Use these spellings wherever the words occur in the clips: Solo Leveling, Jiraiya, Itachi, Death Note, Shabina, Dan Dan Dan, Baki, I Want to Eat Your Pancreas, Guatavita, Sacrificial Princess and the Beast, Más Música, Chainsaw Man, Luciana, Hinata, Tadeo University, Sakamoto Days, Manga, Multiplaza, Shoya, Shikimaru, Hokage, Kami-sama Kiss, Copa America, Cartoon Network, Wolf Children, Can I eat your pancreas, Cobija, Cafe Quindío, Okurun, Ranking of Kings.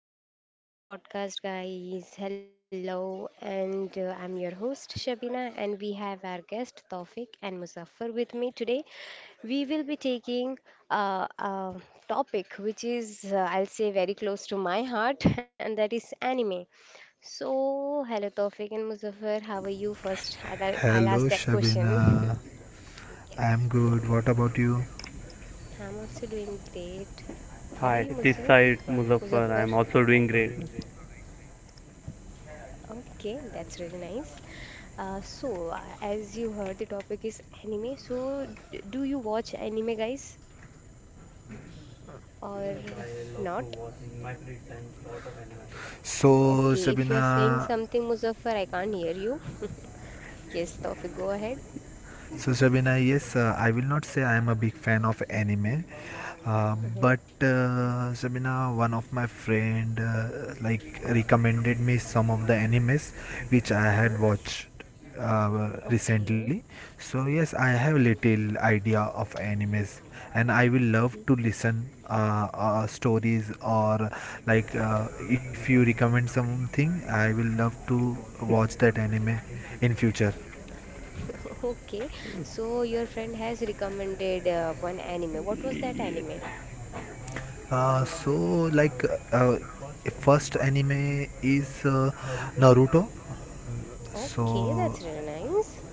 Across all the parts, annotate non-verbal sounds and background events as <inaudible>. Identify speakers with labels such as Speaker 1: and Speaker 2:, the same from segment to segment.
Speaker 1: welcome to Shabina's podcast, guys. Hello, and I'm your host, Shabina, and we have our guest, Tawfiq and Muzaffar, with me today. We will be taking a topic which is, I'll say, very close to my heart, <laughs> and that is anime. So, hello, Tawfiq and Muzaffar, how are you first? I'll
Speaker 2: Hello,
Speaker 1: ask that question.
Speaker 2: Shabina.
Speaker 1: <laughs> Yes,
Speaker 2: I'm good. What about you?
Speaker 1: I'm also doing great. How are
Speaker 3: Hi,
Speaker 1: you,
Speaker 3: this
Speaker 1: Muzo?
Speaker 3: side Muzaffar. I'm
Speaker 1: Muzaffar?
Speaker 3: also doing great.
Speaker 1: Okay, that's really nice. So, as you heard, the topic is anime. So, do you watch anime, guys, or not?
Speaker 2: So,
Speaker 1: Okay, if you are saying
Speaker 2: Shabina,
Speaker 1: something, Muzaffar, I can't hear you. <laughs> Yes, Taufik, go ahead.
Speaker 2: So, Shabina, yes, I will not say I am a big fan of anime,
Speaker 1: Mm-hmm,
Speaker 2: but Shabina, one of my friend, like recommended me some of the animes which I had
Speaker 1: mm-hmm.
Speaker 2: watched recently.
Speaker 1: Okay.
Speaker 2: So, yes, I have little idea of animes, and I will love
Speaker 1: Mhm.
Speaker 2: to listen stories or like if you recommend something, I will love to watch that anime in future.
Speaker 1: <laughs> Okay, so your friend has recommended one anime. What was that
Speaker 3: Y-
Speaker 1: anime?
Speaker 2: Uh, so like uh, first anime is Naruto.
Speaker 1: Okay,
Speaker 2: So
Speaker 1: that's really nice.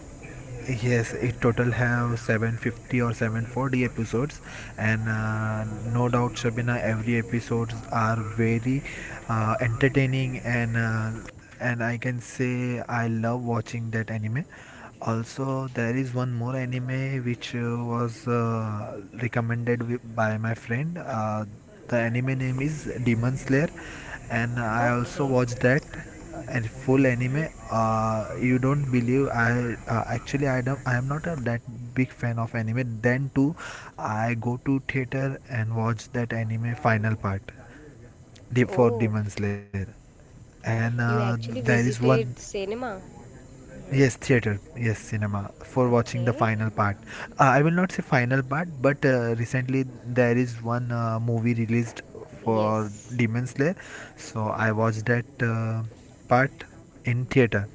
Speaker 2: yes, it total have 750 or 740 episodes, and no doubt, Shabina, every episodes are very entertaining and I can say I love watching that anime. Also, there is one more anime which was recommended by my friend. The anime name is Demon Slayer, and I also
Speaker 1: Okay.
Speaker 2: watched that and full
Speaker 1: Hmm.
Speaker 2: anime. You don't believe I actually I don't I am not a that big fan of anime. Then too, I go to theater and watch that anime final part. Deep for
Speaker 1: Oh,
Speaker 2: Demon Slayer. And
Speaker 1: you actually
Speaker 2: there is one,
Speaker 1: visited cinema.
Speaker 2: Yes,
Speaker 1: Mhm.
Speaker 2: theater, yes, cinema for watching the
Speaker 1: Okay.
Speaker 2: final part. I will not say final part, but recently there is one movie released for
Speaker 1: Yes.
Speaker 2: Demon Slayer, so I watched that part in theater.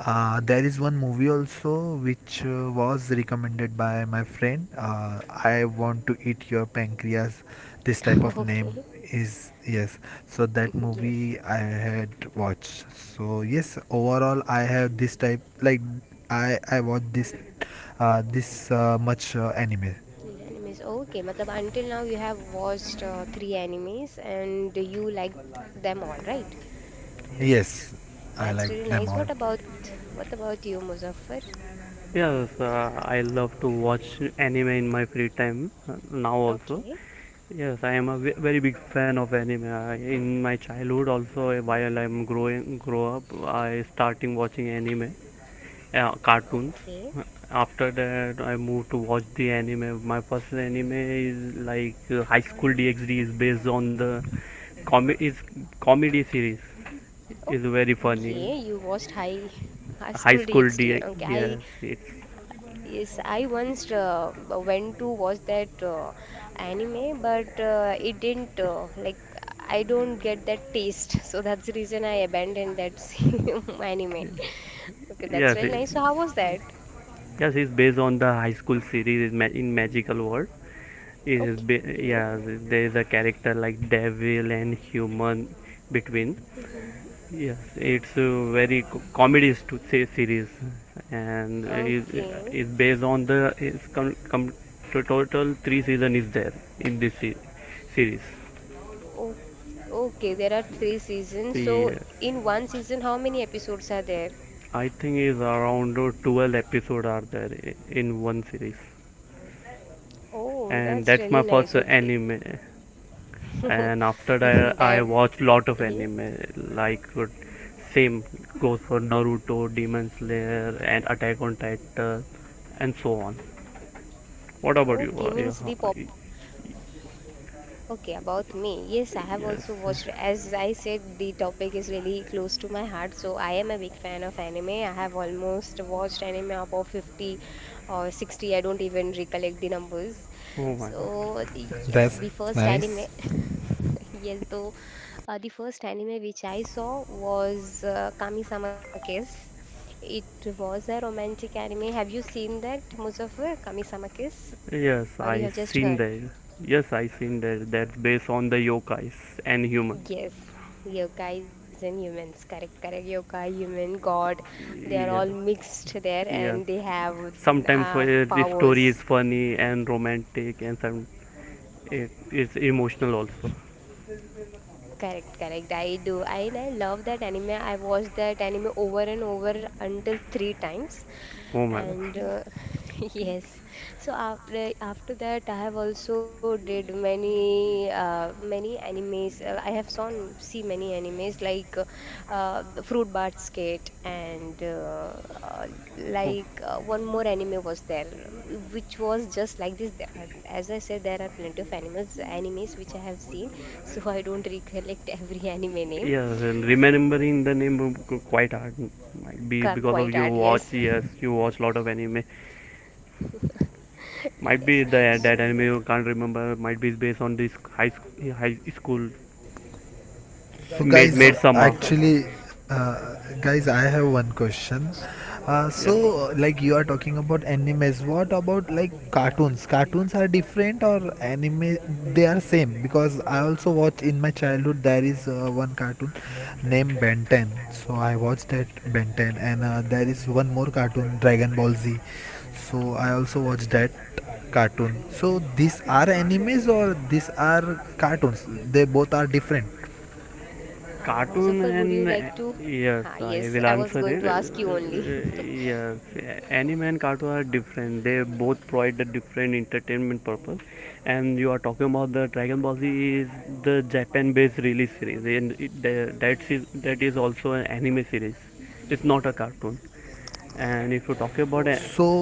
Speaker 2: There is one movie also which was recommended by my friend. I want to eat your pancreas. This type of
Speaker 1: <laughs> Okay.
Speaker 2: name is yes so
Speaker 1: <laughs>
Speaker 2: that
Speaker 1: Yes.
Speaker 2: movie I had watched so yes overall I have this type like I watch this much anime.
Speaker 1: Animes. Okay. Matlab, until now you have watched three animes and you liked them all, right?
Speaker 2: Yes, I
Speaker 1: That's
Speaker 2: like
Speaker 1: really
Speaker 2: them
Speaker 1: nice.
Speaker 2: all.
Speaker 1: What about you, Muzaffar?
Speaker 3: Yes, I love to watch anime in my free time now also.
Speaker 1: Okay.
Speaker 3: Yes, I am a very big fan of anime. In my childhood also, while I'm growing grow up, I starting watching anime, cartoons.
Speaker 1: Okay.
Speaker 3: After that, I moved to watch the anime. My first anime is like High School DxD, is based on the comi- is comedy series, is very
Speaker 1: Okay. You
Speaker 3: funny
Speaker 1: watched High <laughs> High School
Speaker 3: high
Speaker 1: DxD.
Speaker 3: school
Speaker 1: Okay.
Speaker 3: D.
Speaker 1: I,
Speaker 3: Yes, it's
Speaker 1: yes, I once went to watch that anime, but it didn't like, I don't get that taste, <laughs> so that's the reason I abandoned that <laughs> anime. Okay, that's
Speaker 3: yes,
Speaker 1: really nice. So how was that?
Speaker 3: yes. It's based on the high school series in Magical World.
Speaker 1: Okay.
Speaker 3: Yes. There is a character like devil and human between.
Speaker 1: Mhm.
Speaker 3: Yes, it's a very comedy to say series, and it, it's
Speaker 1: Okay.
Speaker 3: based on the total three season is there in this series.
Speaker 1: O- Okay, there are three seasons. So
Speaker 3: Yes,
Speaker 1: in one season, how many episodes are there?
Speaker 3: I think is around 12 episode are there in one series.
Speaker 1: Oh,
Speaker 3: And
Speaker 1: that's
Speaker 3: that's
Speaker 1: really
Speaker 3: my
Speaker 1: nice.
Speaker 3: first anime, and after
Speaker 1: <laughs>
Speaker 3: that I
Speaker 1: That
Speaker 3: watched lot of
Speaker 1: mhm.
Speaker 3: anime like same goes for Naruto, Demon Slayer, and Attack on Titan, and so on. What about you
Speaker 1: Okay,
Speaker 3: yeah,
Speaker 1: means the pop. Okay, about me. Yes, I have
Speaker 3: yes.
Speaker 1: also watched. As I said, the topic is really close to my heart, so I am a big fan of anime. I have almost watched anime about 50 or 60. I don't even recollect the numbers.
Speaker 3: Oh my god.
Speaker 1: So, yes,
Speaker 2: That's
Speaker 1: the first
Speaker 2: nice.
Speaker 1: anime. <laughs> Yes, though the first anime which I saw was Kami-sama Kiss. It was a romantic anime. Have you seen that, Muzaffar? Kami-sama Kiss?
Speaker 3: Yes, I
Speaker 1: Or you have
Speaker 3: seen
Speaker 1: just heard?
Speaker 3: that. Yes, I seen that. That's based on the yokais and humans.
Speaker 1: Yes, yogis and humans, correct, correct. Yoga, human, God, they are all
Speaker 3: Yes.
Speaker 1: mixed there
Speaker 3: Yes,
Speaker 1: and they have
Speaker 3: sometimes the story
Speaker 1: powers.
Speaker 3: is funny and romantic, and some it's emotional also.
Speaker 1: Correct, correct. I do. I, and I love that anime. I watched that anime over and over until three times.
Speaker 3: Oh my god.
Speaker 1: And <laughs> yes, so after that I have also did many many animes, I have seen, see many animes like the fruit basket and uh,
Speaker 3: Oh.
Speaker 1: like one more anime was there which was just like this. There are- as I said, there are plenty of animals animes which I have seen <laughs> so I don't recollect <laughs> every anime name.
Speaker 3: Yeah, remembering the name quite hard. Might be
Speaker 1: Qu-
Speaker 3: because of
Speaker 1: quite
Speaker 3: you
Speaker 1: hard, yes.
Speaker 3: watch. Yes, you watch lot of anime.
Speaker 1: <laughs>
Speaker 3: Might be
Speaker 1: Yes.
Speaker 3: that anime you can't remember. Might be based on this high school.
Speaker 2: So
Speaker 3: Made made
Speaker 1: <laughs>
Speaker 2: guys,
Speaker 3: summer.
Speaker 1: Okay.
Speaker 2: actually, uh, guys, I have one question.
Speaker 1: Mhm.
Speaker 3: Yes.
Speaker 2: So, like, you are talking about animes. What about like cartoons? Cartoons are different or anime? They are same because I also watch in my childhood. There is one cartoon named Ben 10. So I watched that Ben 10, and there is one more cartoon Dragon Ball Z. So I also watched that cartoon. So these are animes or these are cartoons? They both are different.
Speaker 3: Cartoon
Speaker 1: Muzaffar, would you like
Speaker 3: and
Speaker 1: to?
Speaker 3: yes,
Speaker 1: Ah,
Speaker 3: I
Speaker 1: yes,
Speaker 3: will
Speaker 1: I
Speaker 3: answer
Speaker 1: was going
Speaker 3: it.
Speaker 1: to ask you only. <laughs>
Speaker 3: Yes, anime and cartoon are different. They both provide the different entertainment purpose. And you are talking about the Dragon Ball Z is the Japan-based release series, and it, the- that is also an anime series. It's not a cartoon. And if you talk about a
Speaker 2: So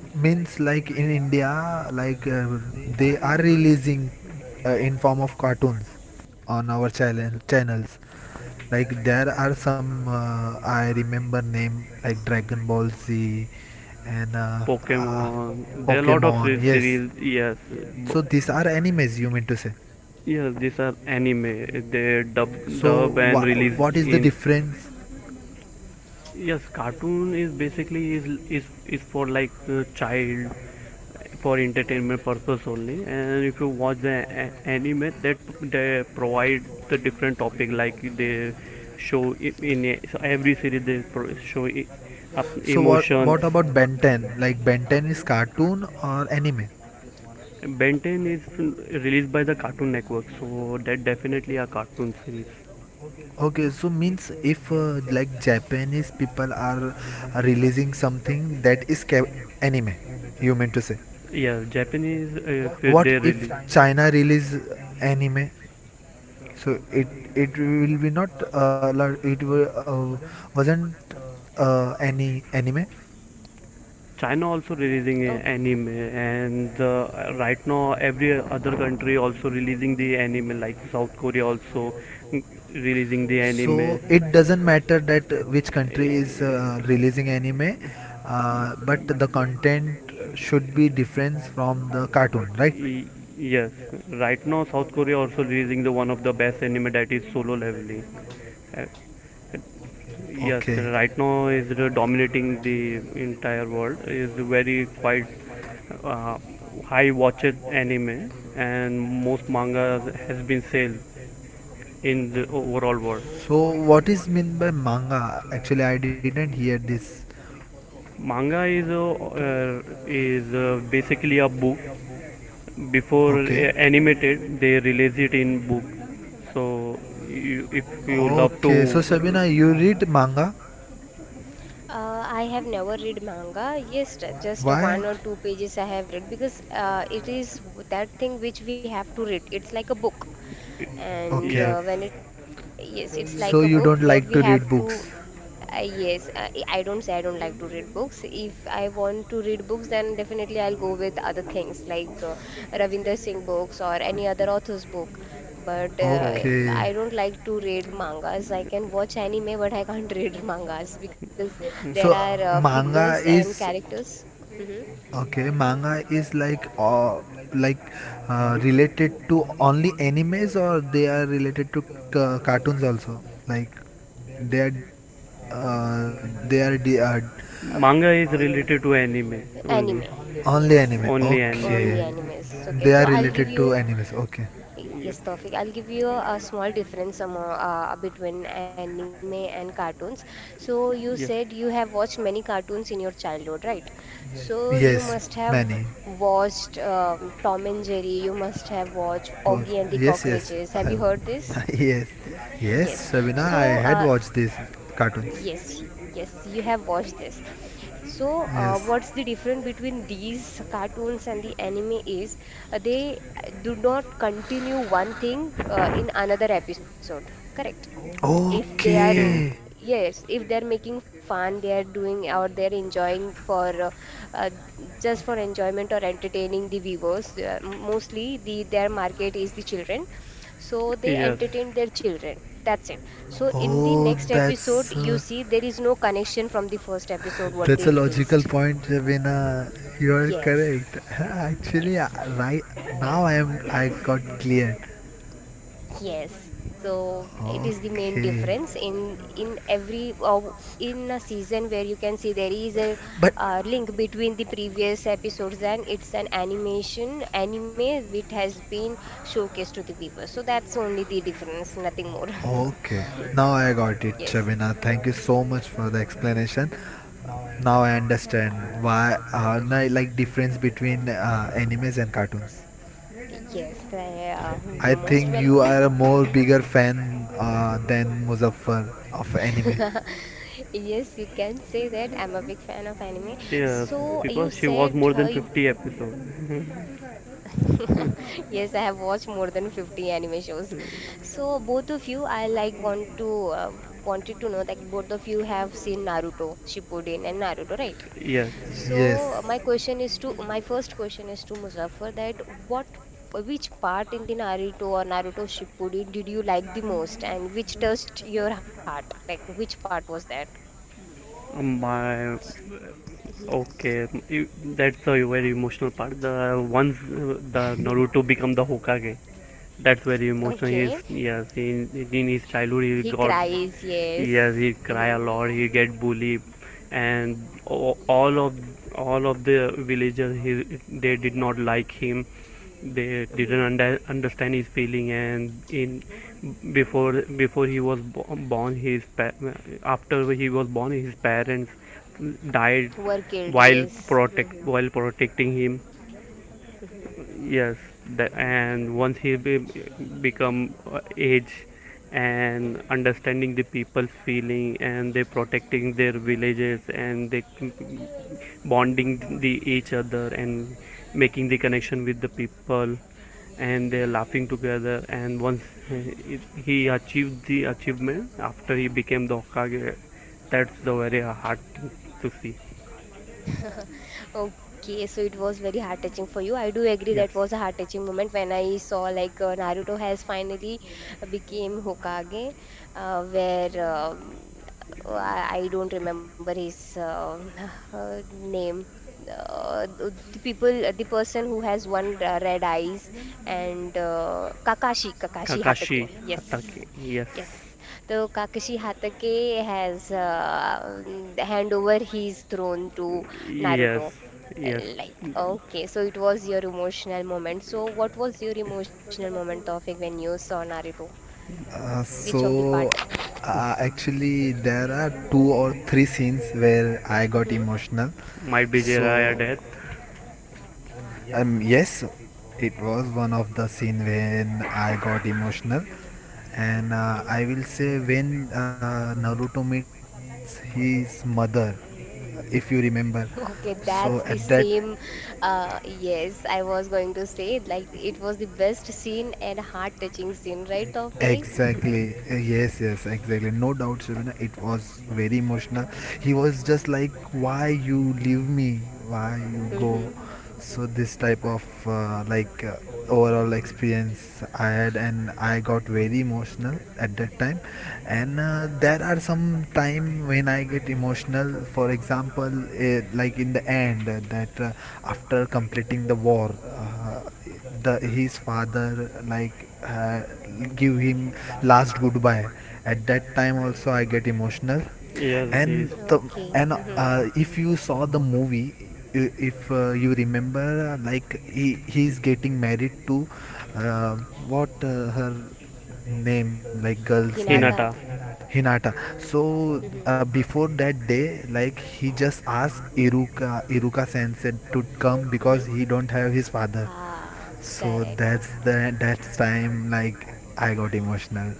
Speaker 2: means like in India, like they are releasing in form of cartoons on our channels. Like there are some I remember name like Dragon Ball Z and
Speaker 3: Pokemon, there are a lot of
Speaker 2: Pokemon. Yes.
Speaker 3: series. Yes, b-
Speaker 2: So these are animes you mean to say.
Speaker 3: yes, these are anime. They dub,
Speaker 2: So
Speaker 3: dub
Speaker 2: wha
Speaker 3: and release
Speaker 2: what is the
Speaker 3: in
Speaker 2: difference?
Speaker 3: yes, cartoon is basically is for like child for entertainment purpose only. And if you watch the anime, that they provide the different topic like they show I- in a- so every series they show up
Speaker 2: So what
Speaker 3: emotions.
Speaker 2: what about Ben 10? Like Ben 10
Speaker 1: Oh,
Speaker 2: is cartoon or anime?
Speaker 3: Ben 10 is released by the Cartoon Network, so that definitely a cartoon series.
Speaker 2: Okay, so means if like Japanese people are releasing something that is anime, you mean to say?
Speaker 3: Yes, Japanese if
Speaker 2: What
Speaker 3: they
Speaker 2: if
Speaker 3: release.
Speaker 2: China release anime? So it will be not wasn't any anime.
Speaker 3: China also releasing
Speaker 1: oh.
Speaker 3: a anime, and right now every other country also releasing the anime, like South Korea also mm, releasing the It
Speaker 2: So
Speaker 3: anime.
Speaker 2: it doesn't matter that which country is releasing anime, but the content should be different from the cartoon,
Speaker 3: Right?
Speaker 2: right?
Speaker 3: Yes, right now South Korea also releasing the one of the best anime, that is Solo Leveling. Okay.
Speaker 2: Okay.
Speaker 3: Yes, right now is the dominating the entire world. Is very quite uh, high watched anime, and most manga has been sold in the overall world.
Speaker 2: So what is mean by manga? Actually, I didn't hear
Speaker 3: It.
Speaker 2: this.
Speaker 3: Manga is a, is basically a book. Before
Speaker 2: Okay.
Speaker 3: animated, they release it in book. So you, if you love to,
Speaker 2: Okay. So Sabina, you read manga?
Speaker 1: I have never read manga. Yes, just one or
Speaker 2: Why?
Speaker 1: two pages I have read because it is that thing which we have to read. It's like a book. And
Speaker 2: Okay.
Speaker 3: yes,
Speaker 1: when it, yes, it's like
Speaker 2: So
Speaker 1: a
Speaker 2: you
Speaker 1: book
Speaker 2: don't
Speaker 1: where we
Speaker 2: like to
Speaker 1: have
Speaker 2: read
Speaker 1: to,
Speaker 2: books.
Speaker 1: yes, I don't say I don't like to read books. If I want to read books then definitely I'll go with other things like Ravinder Singh books or any other author's book, but
Speaker 3: oh, okay.
Speaker 1: I
Speaker 2: Okay.
Speaker 1: don't like to read mangas. I can watch anime but I can't <laughs> read mangas because there are
Speaker 2: So
Speaker 1: figures
Speaker 2: manga
Speaker 1: and
Speaker 2: is
Speaker 1: characters. Hmm.
Speaker 2: okay, manga is like related to only animes or they are related to ca cartoons also. Like they are they are de
Speaker 3: Manga
Speaker 1: Okay,
Speaker 3: is related to anime only.
Speaker 1: anime.
Speaker 2: only
Speaker 1: Yes.
Speaker 2: anime.
Speaker 3: Only
Speaker 1: Only
Speaker 2: Okay.
Speaker 3: anime.
Speaker 1: animes. Okay,
Speaker 2: They
Speaker 1: so
Speaker 2: are
Speaker 1: I'll give
Speaker 2: related to
Speaker 1: you,
Speaker 2: animes. Okay.
Speaker 3: Yes.
Speaker 1: yes, Tawfiq. I'll give you a small difference among, between anime and cartoons. So you
Speaker 3: Yes.
Speaker 1: said you have watched many cartoons in your childhood, right? So you
Speaker 2: Yes,
Speaker 1: must have
Speaker 2: many.
Speaker 1: watched Tom and Jerry. You must have watched
Speaker 2: Perf
Speaker 1: Augie and the
Speaker 2: Yes, yes.
Speaker 1: Cockroaches. Have
Speaker 2: I,
Speaker 1: you heard this?
Speaker 2: <laughs> yes. Yes,
Speaker 1: Yes.
Speaker 2: Sabina, I
Speaker 1: So
Speaker 2: had watched these cartoons.
Speaker 1: yes, yes, you have watched this. So,
Speaker 2: Yes.
Speaker 1: what's the difference between these cartoons and the anime is they do not continue one thing in another episode, correct? If they are
Speaker 2: Okay.
Speaker 3: Okay.
Speaker 1: yes, if they are making fun, they are doing or they are enjoying for uh, just for enjoyment or entertaining the viewers, mostly the their market is the children, so they
Speaker 3: Yes.
Speaker 1: entertain their children, that's it. So in the
Speaker 2: Oh,
Speaker 1: next episode
Speaker 2: that's
Speaker 1: you
Speaker 2: uh,
Speaker 1: see there is no connection from the first episode what
Speaker 2: That's
Speaker 1: they
Speaker 2: a logical
Speaker 1: released.
Speaker 2: point, Ravina. You are
Speaker 1: Yes,
Speaker 2: correct. <laughs>
Speaker 1: yes.
Speaker 2: Right now I am. I got clear.
Speaker 1: Yes, so it is the main
Speaker 2: Okay,
Speaker 1: difference in every in a season where you can see there is a
Speaker 2: but
Speaker 1: link between the previous episodes, and it's an animation anime which has been showcased to the viewers. So that's only the difference, nothing more. <laughs>
Speaker 2: okay. Now I got it,
Speaker 1: Yes.
Speaker 2: Shabina. Thank you so much for the explanation. Now I understand why are na like difference between animes and cartoons.
Speaker 1: Yes,
Speaker 2: I
Speaker 1: you're most
Speaker 2: think you
Speaker 1: welcome.
Speaker 2: are a more bigger fan than Muzaffar of anime.
Speaker 1: <laughs> Yes, you can say that. I'm a big fan of anime.
Speaker 3: Yes.
Speaker 1: So you
Speaker 3: Because she was
Speaker 1: said
Speaker 3: more than
Speaker 1: you-
Speaker 3: 50 episodes.
Speaker 1: <laughs> Yes, I have watched more than 50 anime shows. So both of you, I like want to, uh, wanted to know that both of you have seen Naruto, Shippuden and Naruto, right?
Speaker 3: Yes.
Speaker 1: So my
Speaker 2: Yes.
Speaker 1: question is to, my first question is to Muzaffar, that what, which part in the Naruto or Naruto Shippuden did you like the most and which touched your heart? Like which part was that?
Speaker 3: My.
Speaker 1: Hmm.
Speaker 3: Okay. You- That's a very emotional part. The once the Naruto become the Hokage. That's very emotional. He
Speaker 1: Okay.
Speaker 3: is yes. In his childhood,
Speaker 1: He
Speaker 3: he got
Speaker 1: cries, yes.
Speaker 3: yes,
Speaker 1: <laughs>
Speaker 3: he'd cry
Speaker 1: Hmm.
Speaker 3: a lot, he'd get bullied, and all of all of the villagers they did not like him, they didn't
Speaker 1: Hmm.
Speaker 3: understand his feeling, and in before he was born his after he was born, his parents died
Speaker 1: Were killed,
Speaker 3: while
Speaker 1: yes.
Speaker 3: protect
Speaker 1: Hmm.
Speaker 3: while protecting him.
Speaker 1: Mhm.
Speaker 3: Yes, the, and once become age and understanding the people's feeling and they protecting their villages, and they bonding the each other and making the connection with the people, and they're laughing together, and once he, he achieved the achievement after he became the Hokage, that's the very hard thing to see.
Speaker 1: <laughs> Okay, so it was very heart touching for you. I do agree
Speaker 3: Yes,
Speaker 1: that was a heart touching moment when I saw like Naruto has finally became Hokage, where I don't remember his <laughs> name. The the person who has one red eyes and Kakashi, Kakashi
Speaker 3: Kakashi
Speaker 1: Hatake.
Speaker 3: Hatake,
Speaker 1: Yes.
Speaker 3: yes.
Speaker 1: Yes, the Kakashi Hatake has hand over his throne to
Speaker 3: Yes,
Speaker 1: Naruto.
Speaker 3: yes,
Speaker 1: Like, okay, so it was your emotional moment. So, what was your emotional moment, Tofik, when you saw Naruto?
Speaker 2: Uh,
Speaker 1: Which of the part?
Speaker 2: so Actually there are two or three scenes where I got
Speaker 1: Hmm.
Speaker 2: emotional,
Speaker 3: might be
Speaker 2: so
Speaker 3: Jiraiya
Speaker 1: Hmm.
Speaker 3: death.
Speaker 2: yes, it was one of the scene when I got emotional, and I will say when Naruto meets his mother, if you remember.
Speaker 1: <laughs> Okay,
Speaker 2: So
Speaker 1: that's the
Speaker 2: at that
Speaker 1: same. Yes, I was going to say, like, it was the best scene and heart-touching scene, right, Tofik? <laughs>
Speaker 2: Exactly. Yes, yes, exactly. No doubt, Shabina. It was very emotional. He was just like, "Why you leave me? Why you go?"
Speaker 1: Mm-hmm.
Speaker 2: So this type of overall experience I had, and I got very emotional at that time. And there are some time when I get emotional. For example, like in the end, that after completing the war, the his father like give him last goodbye. At that time also I get emotional.
Speaker 3: Yes, is
Speaker 2: and the
Speaker 1: Okay.
Speaker 2: and
Speaker 1: Mm-hmm.
Speaker 2: if you saw the movie, I- if you remember like he he's getting married to uh, what her name like girl's name
Speaker 1: Hinata.
Speaker 3: Hinata,
Speaker 2: Hinata. So
Speaker 1: Mm-hmm.
Speaker 2: before that day, like he just asked Iruka Sensei to come because
Speaker 1: Mhm.
Speaker 2: he don't have his father.
Speaker 1: Ah,
Speaker 2: So
Speaker 1: correct.
Speaker 2: that's the that's time like I got emotional.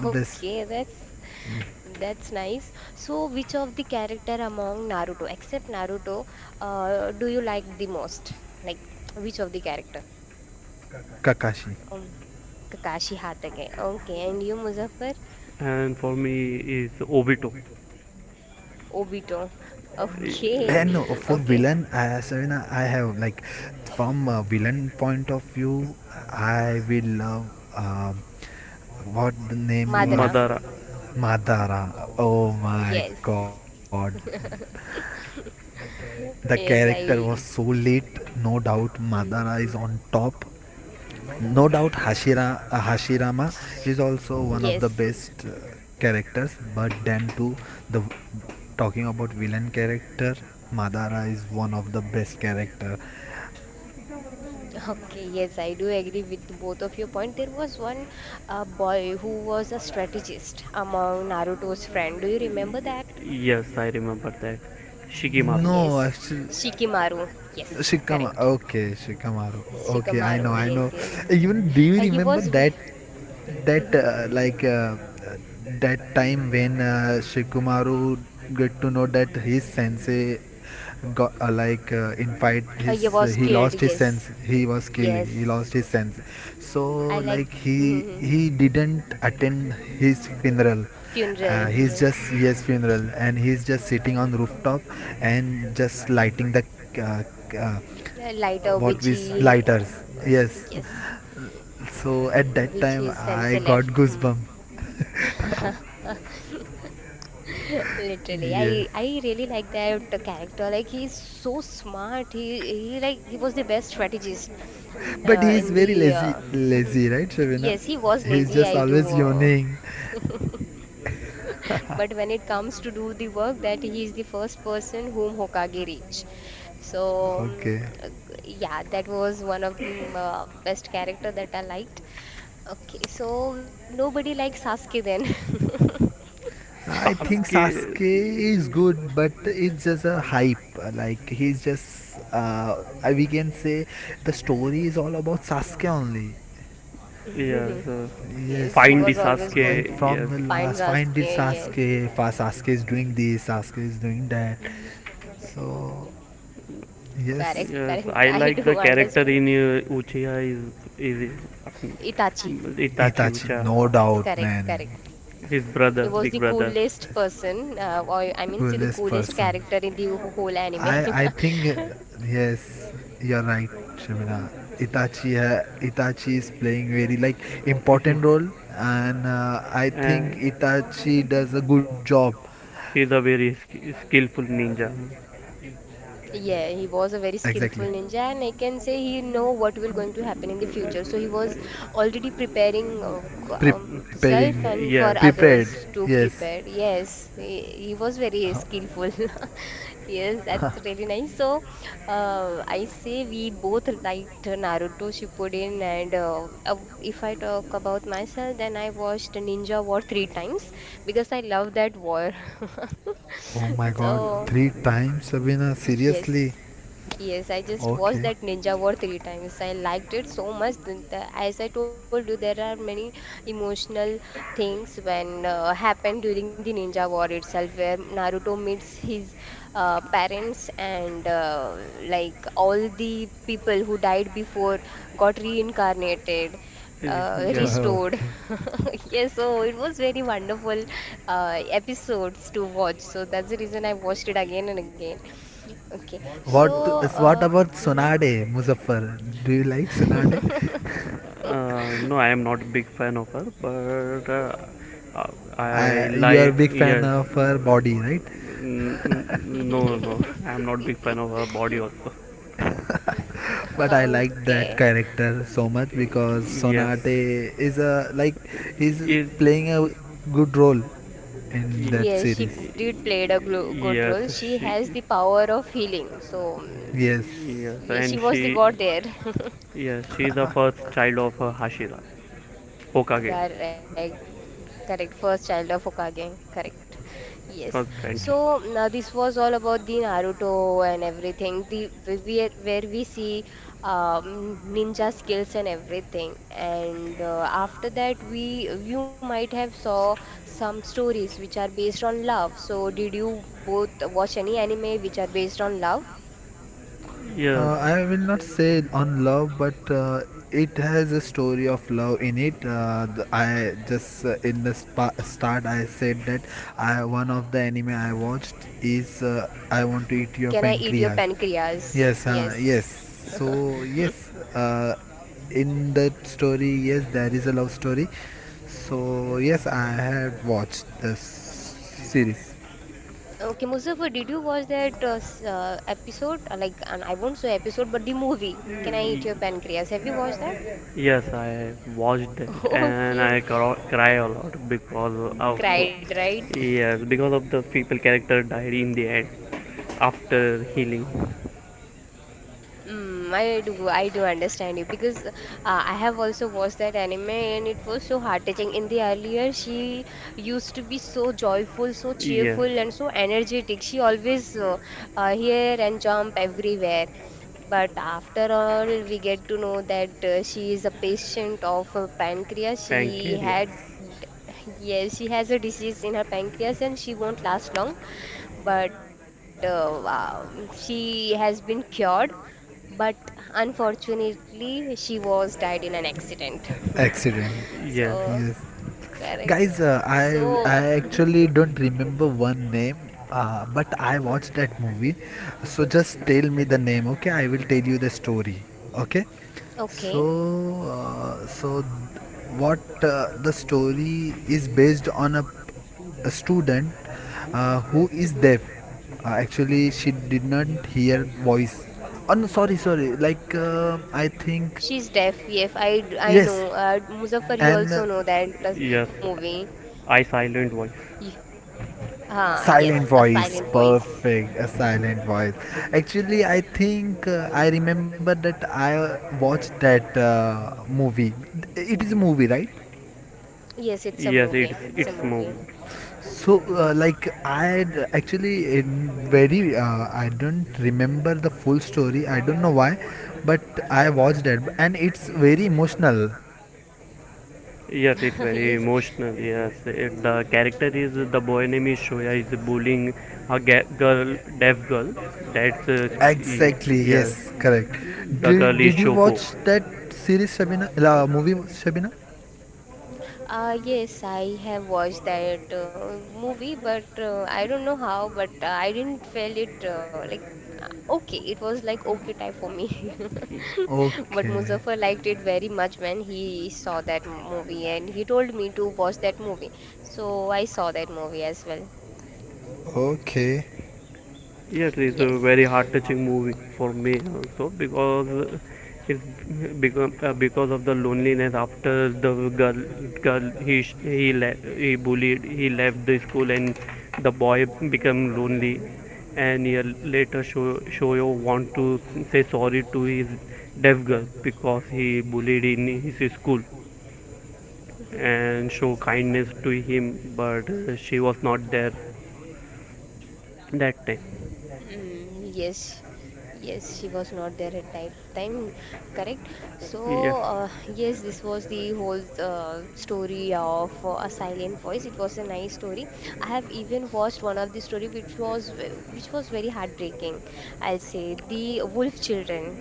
Speaker 2: The best
Speaker 1: Okay,
Speaker 2: eh,
Speaker 1: that's nice. So, which of the character among Naruto, except Naruto, do you like the most? Like, which of the character?
Speaker 2: Kakashi.
Speaker 1: Um, Kakashi Hatake. Okay, and you, Muzaffar?
Speaker 3: and for me is Obito,
Speaker 1: Obito. <laughs>
Speaker 2: And no,
Speaker 1: Okay,
Speaker 2: for
Speaker 3: uh,
Speaker 2: villain,
Speaker 1: okay.
Speaker 2: Shavina, I have like from a villain point of view, I will love uh, what the name
Speaker 1: Madara.
Speaker 2: was
Speaker 3: Madara.
Speaker 2: Madara. Oh my
Speaker 1: Yes,
Speaker 2: god. The character
Speaker 1: yes,
Speaker 2: was so
Speaker 1: I.
Speaker 2: lit, no doubt. Madara is on top. No doubt Hashirama is also one of the
Speaker 1: Yes.
Speaker 2: best characters, but then too, the talking about villain character, Madara is one of the best character.
Speaker 1: Okay, yes, I do agree with both of your point. There was one boy who was a strategist among Naruto's friend. Do you remember that?
Speaker 3: Yes, I remember that. Shikimaru,
Speaker 2: No,
Speaker 1: Yes,
Speaker 2: actually,
Speaker 1: Shikimaru. Yes,
Speaker 2: Shikama.
Speaker 1: correct.
Speaker 2: Okay, Shikamaru.
Speaker 1: Yes,
Speaker 2: Okay, I
Speaker 1: Shikamaru.
Speaker 2: know, I
Speaker 1: Yes,
Speaker 2: know.
Speaker 1: yes.
Speaker 2: Even do you
Speaker 1: He
Speaker 2: remember
Speaker 1: was.
Speaker 2: that that
Speaker 1: Mm-hmm.
Speaker 2: uh, like uh, uh, that time when Shikamaru get to know that his sensei got in fight
Speaker 1: He
Speaker 2: his
Speaker 1: was
Speaker 2: he
Speaker 1: killed.
Speaker 2: lost his sense
Speaker 1: Yes,
Speaker 2: he was killed he lost
Speaker 1: yes.
Speaker 2: his sense, so
Speaker 1: I like
Speaker 2: like
Speaker 1: mhm.
Speaker 2: he didn't attend his funeral.
Speaker 1: Funeral.
Speaker 2: He's
Speaker 1: Yes,
Speaker 2: just his funeral and he's just sitting on rooftop and just lighting the uh,
Speaker 1: lighter which he.
Speaker 2: lighters, yes.
Speaker 1: Yes,
Speaker 2: So at
Speaker 1: mm,
Speaker 2: that
Speaker 1: which
Speaker 2: time
Speaker 1: his
Speaker 2: I
Speaker 1: sensei
Speaker 2: got
Speaker 1: left. Hmm.
Speaker 2: goosebump. <laughs>
Speaker 1: Literally, I
Speaker 2: Yes,
Speaker 1: I really like that character. Like he is so smart. He like he was the best strategist
Speaker 2: but
Speaker 1: in
Speaker 2: he is
Speaker 1: the.
Speaker 2: very lazy, lazy, right,
Speaker 1: Yes,
Speaker 2: Shavina?
Speaker 1: he was lazy.
Speaker 2: He's
Speaker 1: I
Speaker 2: just
Speaker 1: do,
Speaker 2: always yawning.
Speaker 1: <laughs> but when it comes to do the work, that he is the first person whom Hokage reach. So
Speaker 2: Okay,
Speaker 1: uh, yeah, that was one of the best character that I liked. Okay, so nobody likes Sasuke then. <laughs>
Speaker 2: I think
Speaker 3: Sasuke.
Speaker 2: Sasuke is good, but it's just a hype, like he's just I- we can say the story is all about Sasuke only.
Speaker 3: Yes,
Speaker 1: Yes,
Speaker 2: Yes,
Speaker 1: he
Speaker 3: find the
Speaker 1: was always going
Speaker 2: like
Speaker 1: to
Speaker 3: Sasuke.
Speaker 2: from
Speaker 3: Yes.
Speaker 2: the
Speaker 1: find
Speaker 2: last, find it
Speaker 1: Sasuke. Yes.
Speaker 2: Sasuke. Fa Sasuke is doing this, Sasuke is doing that. So,
Speaker 1: Correct,
Speaker 2: yes,
Speaker 3: Yes,
Speaker 1: correct. <laughs>
Speaker 3: I
Speaker 1: I
Speaker 3: like the
Speaker 1: do
Speaker 3: character
Speaker 1: understand.
Speaker 3: in Uchiha is uh,
Speaker 1: Itachi.
Speaker 3: Itachi
Speaker 2: Itachi,
Speaker 3: Uchiha,
Speaker 2: no doubt,
Speaker 1: Correct,
Speaker 2: man,
Speaker 1: correct.
Speaker 3: his brother,
Speaker 1: He was
Speaker 3: big
Speaker 1: the
Speaker 3: brother.
Speaker 1: coolest person, or
Speaker 2: coolest
Speaker 1: I mean, see the
Speaker 2: person.
Speaker 1: coolest character in the
Speaker 2: I
Speaker 1: whole
Speaker 2: I
Speaker 1: anime.
Speaker 2: think
Speaker 1: <laughs>
Speaker 2: yes, you're right, Shabina. Itachi ha- Itachi is playing very like
Speaker 3: <laughs> He
Speaker 2: important role, and I think
Speaker 3: and
Speaker 2: Itachi does a good job.
Speaker 3: he's a very skillful ninja.
Speaker 1: Yeah, he was a very
Speaker 2: Exactly.
Speaker 1: skillful ninja, and I can say he know what will going to happen in the future. So he was already preparing self
Speaker 2: preparing
Speaker 1: and for
Speaker 3: Yes,
Speaker 2: Prepared,
Speaker 1: others to
Speaker 2: yes.
Speaker 1: prepare. Yes, he was very
Speaker 2: <laughs>
Speaker 1: skillful. <laughs> Yes, that's really nice. So I say we both liked Naruto Shippuden, and if I talk about myself, then I watched Ninja War three times because I love that war. <laughs>
Speaker 2: Oh my god,
Speaker 1: So
Speaker 2: three times, Sabina,
Speaker 1: yes.
Speaker 2: seriously?
Speaker 1: Yes, I just watched
Speaker 2: Okay.
Speaker 1: that Ninja War three times. I liked it so much. Then the- as I told you, there are many emotional things when happened during the Ninja War itself, where Naruto meets his parents and like all the people who died before got reincarnated.
Speaker 2: <laughs>
Speaker 3: yes.
Speaker 1: Restored.
Speaker 2: Okay.
Speaker 1: <laughs> Yes, so it was very wonderful episodes to watch. So that's the reason I watched it again and again. Okay, so
Speaker 2: What
Speaker 1: uh,
Speaker 2: about
Speaker 1: mhm.
Speaker 2: Sonade, Muzaffar, do you like Sonade?
Speaker 3: No, I am not a big fan of her, but uh, I
Speaker 2: I, you are a
Speaker 3: like
Speaker 2: big fan
Speaker 3: yes.
Speaker 2: of her body, right?
Speaker 3: No, no, <laughs> I am not big fan of her body also.
Speaker 2: <laughs> But I like that
Speaker 1: <laughs> Okay,
Speaker 2: character so much because
Speaker 3: Yes.
Speaker 2: Sonate is a like he's
Speaker 3: Is
Speaker 2: playing a good role in that
Speaker 1: yes, she
Speaker 2: series.
Speaker 1: did played a glo good
Speaker 3: yes,
Speaker 1: role. She
Speaker 3: she.
Speaker 1: has the power of healing, so mm,
Speaker 2: Yes.
Speaker 3: Yes,
Speaker 1: yeah,
Speaker 3: and
Speaker 1: she was the
Speaker 3: she.
Speaker 1: god there. <laughs>
Speaker 3: Yes, she is the first child of Hashira, Hokage.
Speaker 1: Correct. Correct, first child of Hokage. Correct. Yes.
Speaker 3: First
Speaker 1: So
Speaker 3: trend check.
Speaker 1: now this was all about the Naruto and everything. The where we see ninja skills and everything. And after that, we you might have saw some stories which are based on love. So did you both watch any anime which are based on love?
Speaker 3: Yes,
Speaker 2: I will not say on love, but it has a story of love in it. The, I just In the start I said that I one of the anime I watched is I want to eat
Speaker 1: Can I
Speaker 2: your
Speaker 1: eat your
Speaker 2: pancreas.
Speaker 1: pancreas?
Speaker 2: Yes,
Speaker 1: Yes.
Speaker 2: yes. So yes, in that story, yes, there is a love story. So yes, I had watched the series.
Speaker 1: Okay, Muzaffar, did you watch that episode? Like, and I won't say episode, but the movie. Can I
Speaker 3: y-
Speaker 1: eat your pancreas? Have you watched that?
Speaker 3: yes, I watched that
Speaker 1: <laughs>
Speaker 3: and
Speaker 1: Okay,
Speaker 3: I cry a lot because of
Speaker 1: cried, right?
Speaker 3: yes, because of the people character died in the end. After healing.
Speaker 1: I do understand you because I have also watched that anime and it was so heart-touching. In the earlier, she used to be so joyful, so
Speaker 3: Yes.
Speaker 1: cheerful, and so energetic. She always here and jump everywhere. But after all, we get to know that she is a patient of pancreas.
Speaker 3: Pancreas.
Speaker 1: Yes, she has a disease in her pancreas and she won't last long. But wow, she has been cured but unfortunately she was died in an accident
Speaker 2: Accident.
Speaker 1: <laughs> so
Speaker 3: Yes.
Speaker 2: Yes.
Speaker 1: correct
Speaker 2: Guys, uh, I
Speaker 1: so
Speaker 2: I actually don't remember one name, but I
Speaker 1: mhm.
Speaker 2: watched that movie. So just tell me the name, okay? I will tell you the story, okay?
Speaker 1: okay
Speaker 2: So uh, so what the story is based on a student who is
Speaker 1: hmm
Speaker 2: deaf. Actually, she did not hear voice. Oh no, sorry, sorry. Like I think
Speaker 1: she's deaf yes I know
Speaker 2: yes,
Speaker 1: muzaffar you
Speaker 2: and
Speaker 1: also know that
Speaker 3: Yes. Yes.
Speaker 1: movie
Speaker 3: I silent voice.
Speaker 1: Y- ah yes
Speaker 2: Silent
Speaker 1: a silent
Speaker 2: voice,
Speaker 1: voice
Speaker 2: perfect. A silent voice. Actually, I think I remember that I watched that movie. It is a movie, right?
Speaker 1: yes it's a
Speaker 3: Yes,
Speaker 1: movie it's a
Speaker 3: it's
Speaker 1: movie
Speaker 3: moving.
Speaker 2: So, like, I had actually in very, I don't remember the full story. I don't know why, but I watched it, and it's very emotional.
Speaker 3: Yes, it's
Speaker 1: <laughs>
Speaker 3: very
Speaker 1: Yes.
Speaker 3: emotional. Yes, the character is the boy name is Shoya is bullying a girl, deaf girl. That's
Speaker 2: Exactly.
Speaker 3: yes.
Speaker 2: Yes. Correct.
Speaker 3: The girl is
Speaker 2: Did you
Speaker 3: Shoko.
Speaker 2: watch that series, Shabina? La movie, Shabina?
Speaker 1: Yes, I have watched that movie, but I don't know how, but I didn't feel it like okay. It was like okay type for me. <laughs> But Muzaffar
Speaker 2: Okay.
Speaker 1: liked it very much when he saw that movie, and he told me to watch that movie. So I saw that movie as well.
Speaker 2: Okay.
Speaker 3: Yeah, it
Speaker 1: <laughs>
Speaker 3: is a
Speaker 1: Yes.
Speaker 3: very heart touching movie for me also, because it's become because of the loneliness after the girl girl he bullied, he left the school, and the boy became lonely. And year later, Shoyo want to say sorry to his deaf girl because he bullied in his school and show kindness to him, but she was not there that time.
Speaker 1: Yes, yes, she was not there at time, correct? So
Speaker 3: Yes.
Speaker 1: yes, this was the whole story of a silent voice. It was a nice story. I have even watched one of the story which was which was very heartbreaking. I'll say the Wolf Children.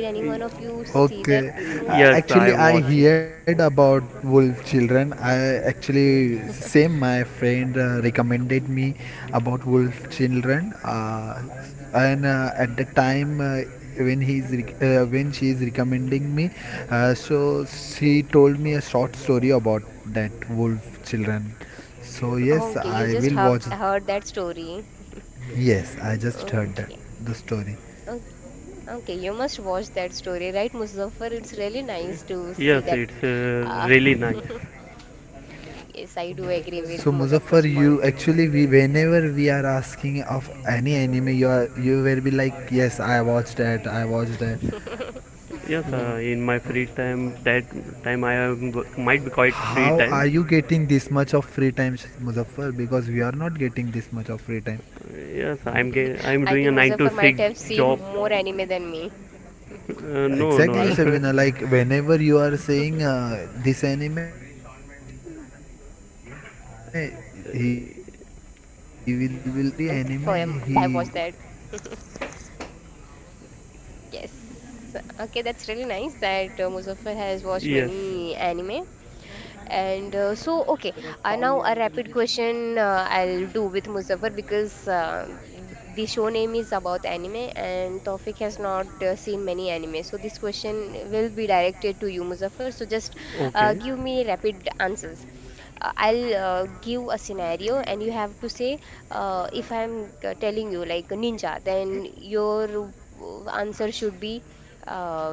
Speaker 1: Did any one of you see that
Speaker 2: Okay.
Speaker 1: movie?
Speaker 3: Yes,
Speaker 2: Actually,
Speaker 3: I
Speaker 2: I
Speaker 3: watch it.
Speaker 2: heard about wolf children. I actually same my friend recommended me about wolf children. And at the time when she is recommending me, so she told me a short story about that wolf children. So
Speaker 1: <laughs>
Speaker 2: yes,
Speaker 1: Okay, you
Speaker 2: I
Speaker 1: just
Speaker 2: will
Speaker 1: have
Speaker 2: watch.
Speaker 1: heard that story. <laughs>
Speaker 2: Yes, I just heard that
Speaker 1: Okay.
Speaker 2: the story.
Speaker 1: Okay, you must watch that story, right, Muzaffar? It's really nice to see
Speaker 3: Yes,
Speaker 1: that.
Speaker 3: it's
Speaker 1: Uh,
Speaker 3: really nice.
Speaker 1: <laughs> yes, I do
Speaker 2: So
Speaker 1: agree with
Speaker 2: Muzaffar, you
Speaker 1: Muzaffar's
Speaker 2: actually
Speaker 1: point.
Speaker 2: we whenever we are asking of any anime, you are you will be like, yes, I watched that, I watched that.
Speaker 3: Yes,
Speaker 2: So
Speaker 3: in my free time, that time I am, might be quite
Speaker 2: how are
Speaker 3: free
Speaker 2: you
Speaker 3: time.
Speaker 2: getting this much of free time, Muzaffar? Because we are not getting this much of free time.
Speaker 3: Yes,
Speaker 1: <laughs> I think
Speaker 3: I'm doing a
Speaker 1: Muzaffar
Speaker 3: nine
Speaker 1: might
Speaker 3: to
Speaker 1: have
Speaker 3: six
Speaker 1: seen
Speaker 3: job.
Speaker 1: more anime than me,
Speaker 3: No,
Speaker 1: right?
Speaker 2: Exactly,
Speaker 3: no.
Speaker 1: <laughs>
Speaker 2: Shabina. Like whenever you are saying this anime, he
Speaker 1: Have you
Speaker 2: will
Speaker 1: watched
Speaker 2: will
Speaker 1: that?
Speaker 2: he's just
Speaker 1: Did
Speaker 2: like,
Speaker 1: you watch that? So
Speaker 2: yes,
Speaker 1: he's the
Speaker 2: I had
Speaker 1: first one
Speaker 2: watched that.
Speaker 1: who confirm, like,
Speaker 2: Every
Speaker 1: yes,
Speaker 2: anime
Speaker 1: I have watched that. <laughs>
Speaker 2: he
Speaker 1: Yes. Okay, that's really nice that Muzaffar has watched
Speaker 3: <laughs> Yes,
Speaker 1: many anime. And okay, now a rapid question I'll do with Muzaffar because the show name is about anime and Tawfiq has not seen many anime. So, this question will be directed to you, Muzaffar. So, just
Speaker 3: okay,
Speaker 1: give me rapid answers I'll give a scenario and you have to say if I'm telling you like ninja, then your answer should be uh,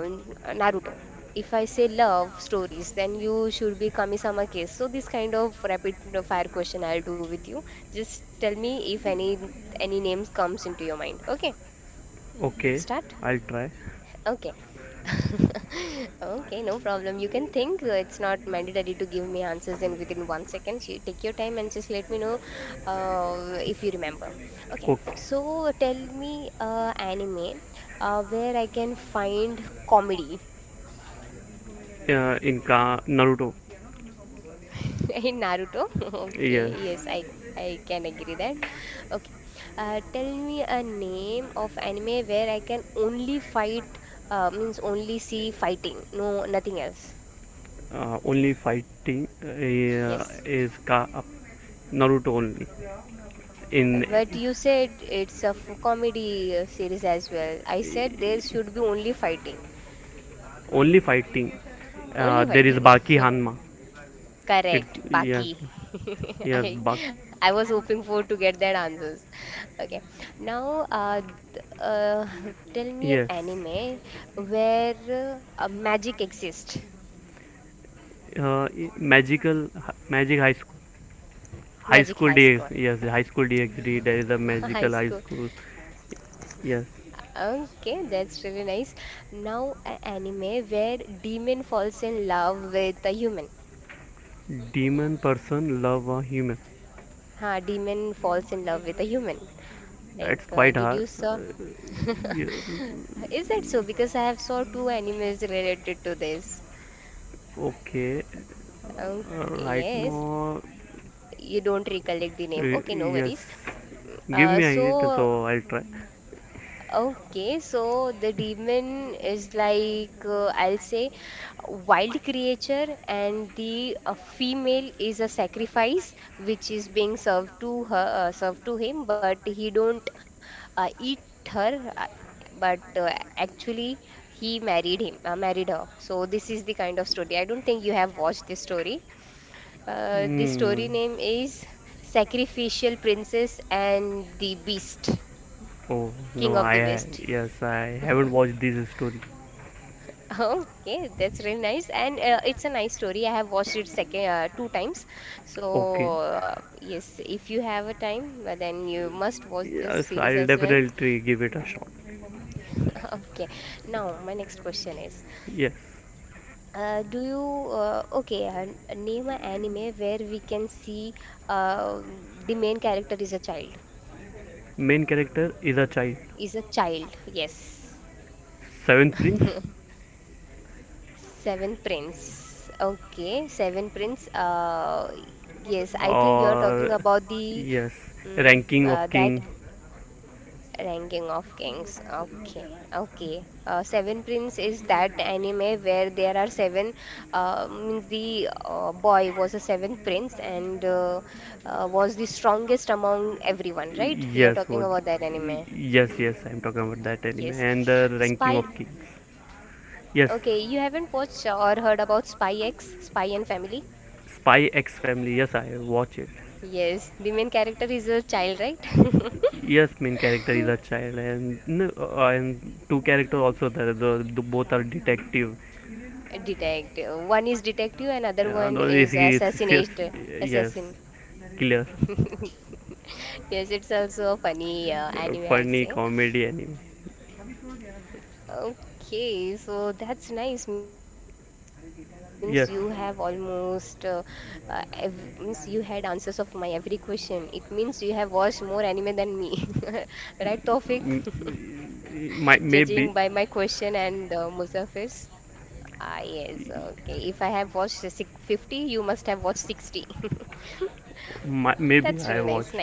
Speaker 1: Naruto. If I say love stories, then you should be Kami-sama case. So this kind of rapid fire question I'll do with you. Just tell me if any names comes into your mind. Okay,
Speaker 3: okay.
Speaker 1: start.
Speaker 3: I'll try.
Speaker 1: Okay. <laughs> Okay, no problem. You can think. It's not mandatory to give me answers in within 1 second. You take your time and just let me know if you remember. Okay,
Speaker 3: Okay.
Speaker 1: so tell me anime where I can find comedy
Speaker 3: In Naruto.
Speaker 1: <laughs> in Naruto. <laughs> Okay,
Speaker 3: Yes,
Speaker 1: yes, I can agree that. Okay, tell me a name of anime where I can only fight means only see fighting, no nothing else.
Speaker 3: only fighting uh,
Speaker 1: Yes.
Speaker 3: is Ka- uh, Naruto only. In
Speaker 1: But you said it's a comedy series as well. I
Speaker 3: uh,
Speaker 1: said there should be only fighting.
Speaker 3: only fighting,
Speaker 1: Only
Speaker 3: there is
Speaker 1: fighting.
Speaker 3: Baki
Speaker 1: <laughs>
Speaker 3: Hanma. It's
Speaker 1: Correct.
Speaker 3: yes,
Speaker 1: Baki. <laughs>
Speaker 3: yes, Bak,
Speaker 1: I I was hoping for to get that answers. Okay. Now, <laughs> tell me an
Speaker 3: yes.
Speaker 1: anime where magic exists.
Speaker 3: Uh, magical Magic high school, high
Speaker 1: Magic
Speaker 3: school
Speaker 1: High School.
Speaker 3: dx, yes, High School DxD, there is a
Speaker 1: <laughs> High
Speaker 3: magical high
Speaker 1: School.
Speaker 3: school. Yes,
Speaker 1: Okay, that's really nice. Now, an anime where demon falls in love with a human.
Speaker 3: demon person love a human,
Speaker 1: Ha, demon falls in love with a human.
Speaker 3: that's
Speaker 1: Like,
Speaker 3: quite
Speaker 1: did
Speaker 3: hard,
Speaker 1: you saw? <laughs>
Speaker 3: yeah.
Speaker 1: Is that so? Because I have saw two animes related to this.
Speaker 3: Okay,
Speaker 1: Um,
Speaker 3: right
Speaker 1: yes,
Speaker 3: now,
Speaker 1: you don't recollect the name. Okay, no
Speaker 3: yes.
Speaker 1: worries.
Speaker 3: Give
Speaker 1: Uh,
Speaker 3: me a hint,
Speaker 1: so
Speaker 3: so I'll try.
Speaker 1: Okay, so the demon is like I'll say wild creature and the female is a sacrifice which is being served to her served to him but he don't eat her , but actually he married him married her. So this is the kind of story. I don't think you have watched this story. The
Speaker 3: Hmm.
Speaker 1: story name is Sacrificial Princess and the Beast.
Speaker 3: Oh
Speaker 1: King
Speaker 3: no,
Speaker 1: of the West.
Speaker 3: yes, I haven't watched this story.
Speaker 1: Okay, that's really nice, and it's a nice story. I have watched it second two times, so
Speaker 3: Okay,
Speaker 1: yes, if you have a time, then you must watch this
Speaker 3: yes,
Speaker 1: series
Speaker 3: I'll
Speaker 1: as well.
Speaker 3: definitely give it a shot.
Speaker 1: <laughs> Okay, now my next question is,
Speaker 3: Yes,
Speaker 1: do you name an anime where we can see uh, the main character is a child?
Speaker 3: main character is a child.
Speaker 1: Is a child? Yes.
Speaker 3: Seventh prince,
Speaker 1: <laughs> Seven Prince. Okay, Seven Prince. Yes, I think you're talking
Speaker 3: or
Speaker 1: about the
Speaker 3: yes, Ranking of
Speaker 1: that
Speaker 3: King.
Speaker 1: ranking of kings. Okay, okay. Seven Prince is that anime where there are seven. Means the boy was a seventh prince and was the strongest among everyone. Right? You're
Speaker 3: Yes,
Speaker 1: talking
Speaker 3: was
Speaker 1: about that anime.
Speaker 3: yes, yes. I'm talking about that anime
Speaker 1: Yes.
Speaker 3: and the Ranking of
Speaker 1: Spy.
Speaker 3: Kings. Yes,
Speaker 1: Okay, you haven't watched or heard about Spy X, Spy and Family?
Speaker 3: Spy X Family. Yes, I watch it.
Speaker 1: Yes, the main character is a child, right? <laughs>
Speaker 3: Yes, main character is a child, and no, and two character also there. The both are detective.
Speaker 1: Detective. One is detective, and other
Speaker 3: The
Speaker 1: one
Speaker 3: one
Speaker 1: is
Speaker 3: is- Yes, yes,
Speaker 1: assassin.
Speaker 3: killer.
Speaker 1: <laughs> Yes, it's also a funny anime, I'll
Speaker 3: Funny
Speaker 1: say.
Speaker 3: comedy anime.
Speaker 1: Okay, so that's nice. Means you have almost
Speaker 3: Yes,
Speaker 1: means you had answers of my every question. It means you have watched more anime than me, <laughs> right, Tofik?
Speaker 3: M-
Speaker 1: <laughs> Judging
Speaker 3: m-
Speaker 1: by
Speaker 3: might
Speaker 1: my
Speaker 3: maybe,
Speaker 1: question and Musafir's. Ah, yes, okay. If I have watched the 50, you must have watched 60. <laughs>
Speaker 3: might,
Speaker 1: That's really
Speaker 3: maybe
Speaker 1: nice,
Speaker 3: I
Speaker 1: nice.
Speaker 3: watch.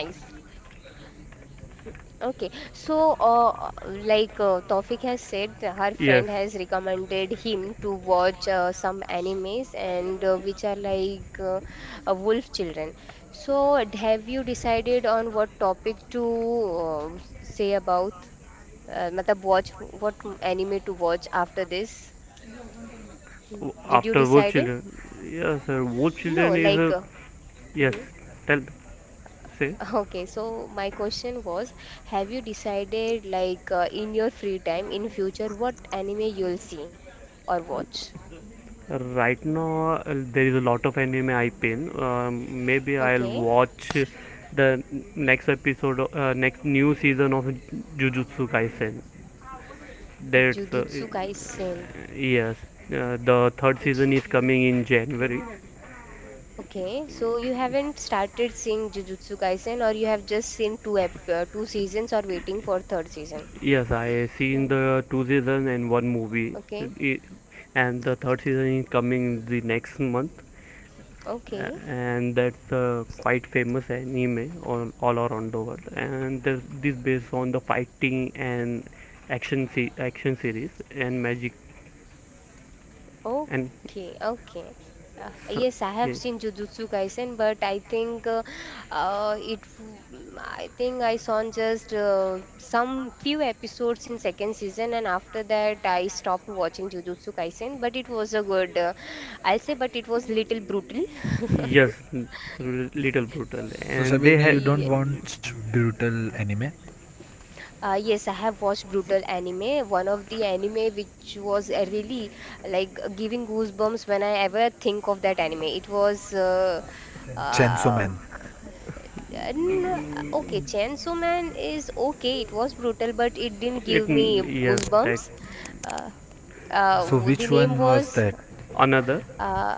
Speaker 1: Okay, so Taufik has said, her friend
Speaker 3: Yes.
Speaker 1: has recommended him to watch some animes and which are like wolf children. So, have you decided on what topic to say about? Matlab watch what anime to watch after this? Did you
Speaker 3: After Wolf
Speaker 1: decide it?
Speaker 3: Children. Yes, sir. Wolf
Speaker 1: No,
Speaker 3: Children is
Speaker 1: like.
Speaker 3: a. Yes.
Speaker 1: Hmm?
Speaker 3: Tell say.
Speaker 1: Okay, so my question was, have you decided like in your free time in future what anime you'll see or watch?
Speaker 3: Right now, there is a lot of anime I pin. Maybe I'll
Speaker 1: Okay,
Speaker 3: watch the next episode, next new season of Jujutsu Kaisen. That's
Speaker 1: Jujutsu Kaisen.
Speaker 3: yes. The third
Speaker 1: Uji-
Speaker 3: season is coming in January.
Speaker 1: Okay, so you haven't started seeing Jujutsu Kaisen or you have just seen two seasons or waiting for third season.
Speaker 3: Yes, I seen
Speaker 1: Mm.
Speaker 3: the two season and one movie,
Speaker 1: Okay,
Speaker 3: I- and the third season is coming the next month. A-
Speaker 1: okay.
Speaker 3: and that's a quite famous anime all around the world. And there's this based on the fighting and action action series and magic, and
Speaker 1: Okay, okay.
Speaker 3: so
Speaker 1: Yes, I have
Speaker 3: yeah.
Speaker 1: seen Jujutsu Kaisen, but I think it. W- mm, I think I saw just some few episodes in second season, and after that I stopped watching Jujutsu Kaisen. But it was a good. I'll say, but it was little brutal. <laughs>
Speaker 3: Yes, little brutal,
Speaker 2: so
Speaker 3: and they
Speaker 2: Shabina,
Speaker 3: had
Speaker 2: you
Speaker 1: Yeah.
Speaker 2: don't want brutal anime?
Speaker 1: Yes, I have watched Brutal Anime, one of the anime which was really like giving goosebumps when I ever think of that anime. It was
Speaker 2: Chainsaw
Speaker 1: uh,
Speaker 2: Man.
Speaker 1: k- uh, n- okay, Chainsaw Man is okay, it was brutal, but it didn't
Speaker 3: it.
Speaker 1: give me
Speaker 3: Yes, that
Speaker 1: goosebumps. Uh,
Speaker 2: So
Speaker 1: the
Speaker 2: which
Speaker 1: name
Speaker 2: one was
Speaker 1: was
Speaker 2: that?
Speaker 3: another
Speaker 1: uh,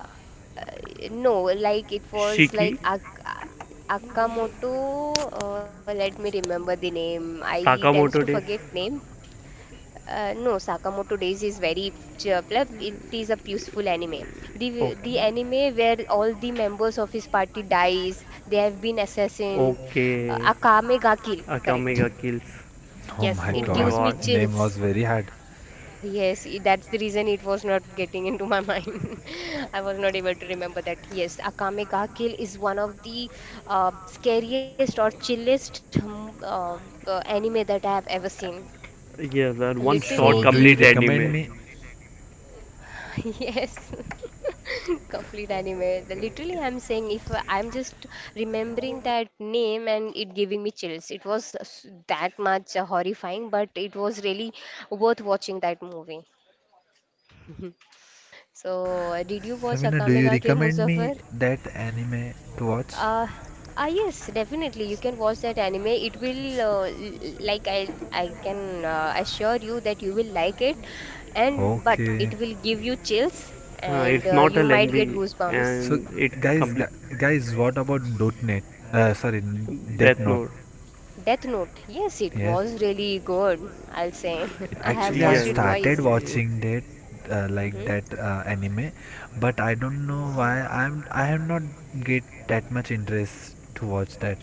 Speaker 1: no, like it was like
Speaker 3: shiki,
Speaker 1: Ak Akamoto. Let me remember the name. I tends to
Speaker 3: Sakamoto
Speaker 1: forget
Speaker 3: Days.
Speaker 1: name. No, Sakamoto Days is very cheerful. It is a peaceful anime. The
Speaker 3: Okay.
Speaker 1: the anime where all the members of his party dies. They have been assassinated.
Speaker 3: Okay.
Speaker 1: Akame ga kill. Correct.
Speaker 3: Akamega kills.
Speaker 2: Oh
Speaker 1: Yes,
Speaker 2: my
Speaker 3: Oh
Speaker 1: it
Speaker 3: my
Speaker 2: god,
Speaker 1: gives me
Speaker 3: god.
Speaker 2: name was
Speaker 1: chills.
Speaker 2: very hard.
Speaker 1: Yes, that's the reason it was not getting into my <laughs> mind. I was not able to remember that. Yes, Akame ga Kill is one of the scariest or chillest anime that I have ever seen.
Speaker 3: Yes, that one
Speaker 1: Literally,
Speaker 2: So do
Speaker 3: shot
Speaker 2: you
Speaker 1: even
Speaker 3: complete
Speaker 2: recommend me?
Speaker 3: anime.
Speaker 1: <laughs> yes, complete anime. Literally, I'm saying if I'm just remembering that name and it giving me chills. It was that much horrifying, but it was really worth watching that movie. So, did you watch
Speaker 2: Shabina, do
Speaker 1: Akame
Speaker 2: you
Speaker 1: ga Kill
Speaker 2: recommend me
Speaker 1: Muzaffar?
Speaker 2: that anime to watch?
Speaker 1: Uh, ah yes, definitely. You can watch that anime. It will like I can assure you that you will like it, and but
Speaker 2: Okay.
Speaker 1: it will give you chills and
Speaker 3: It's not a
Speaker 1: you might get
Speaker 3: lengthy
Speaker 1: goosebumps.
Speaker 2: So
Speaker 3: and it
Speaker 2: guys,
Speaker 3: complete.
Speaker 2: guys, what about .NET? Sorry, Death
Speaker 3: Death
Speaker 2: Note.
Speaker 3: Note.
Speaker 1: Death Note. Yes, it
Speaker 2: Yes.
Speaker 1: was really good, I'll say. <laughs> I have
Speaker 2: Actually, I
Speaker 1: watched it
Speaker 3: Yes.
Speaker 2: started
Speaker 1: twice.
Speaker 2: watching that
Speaker 1: Hmm
Speaker 2: anime, but I don't know why I have not get that much interest to watch that.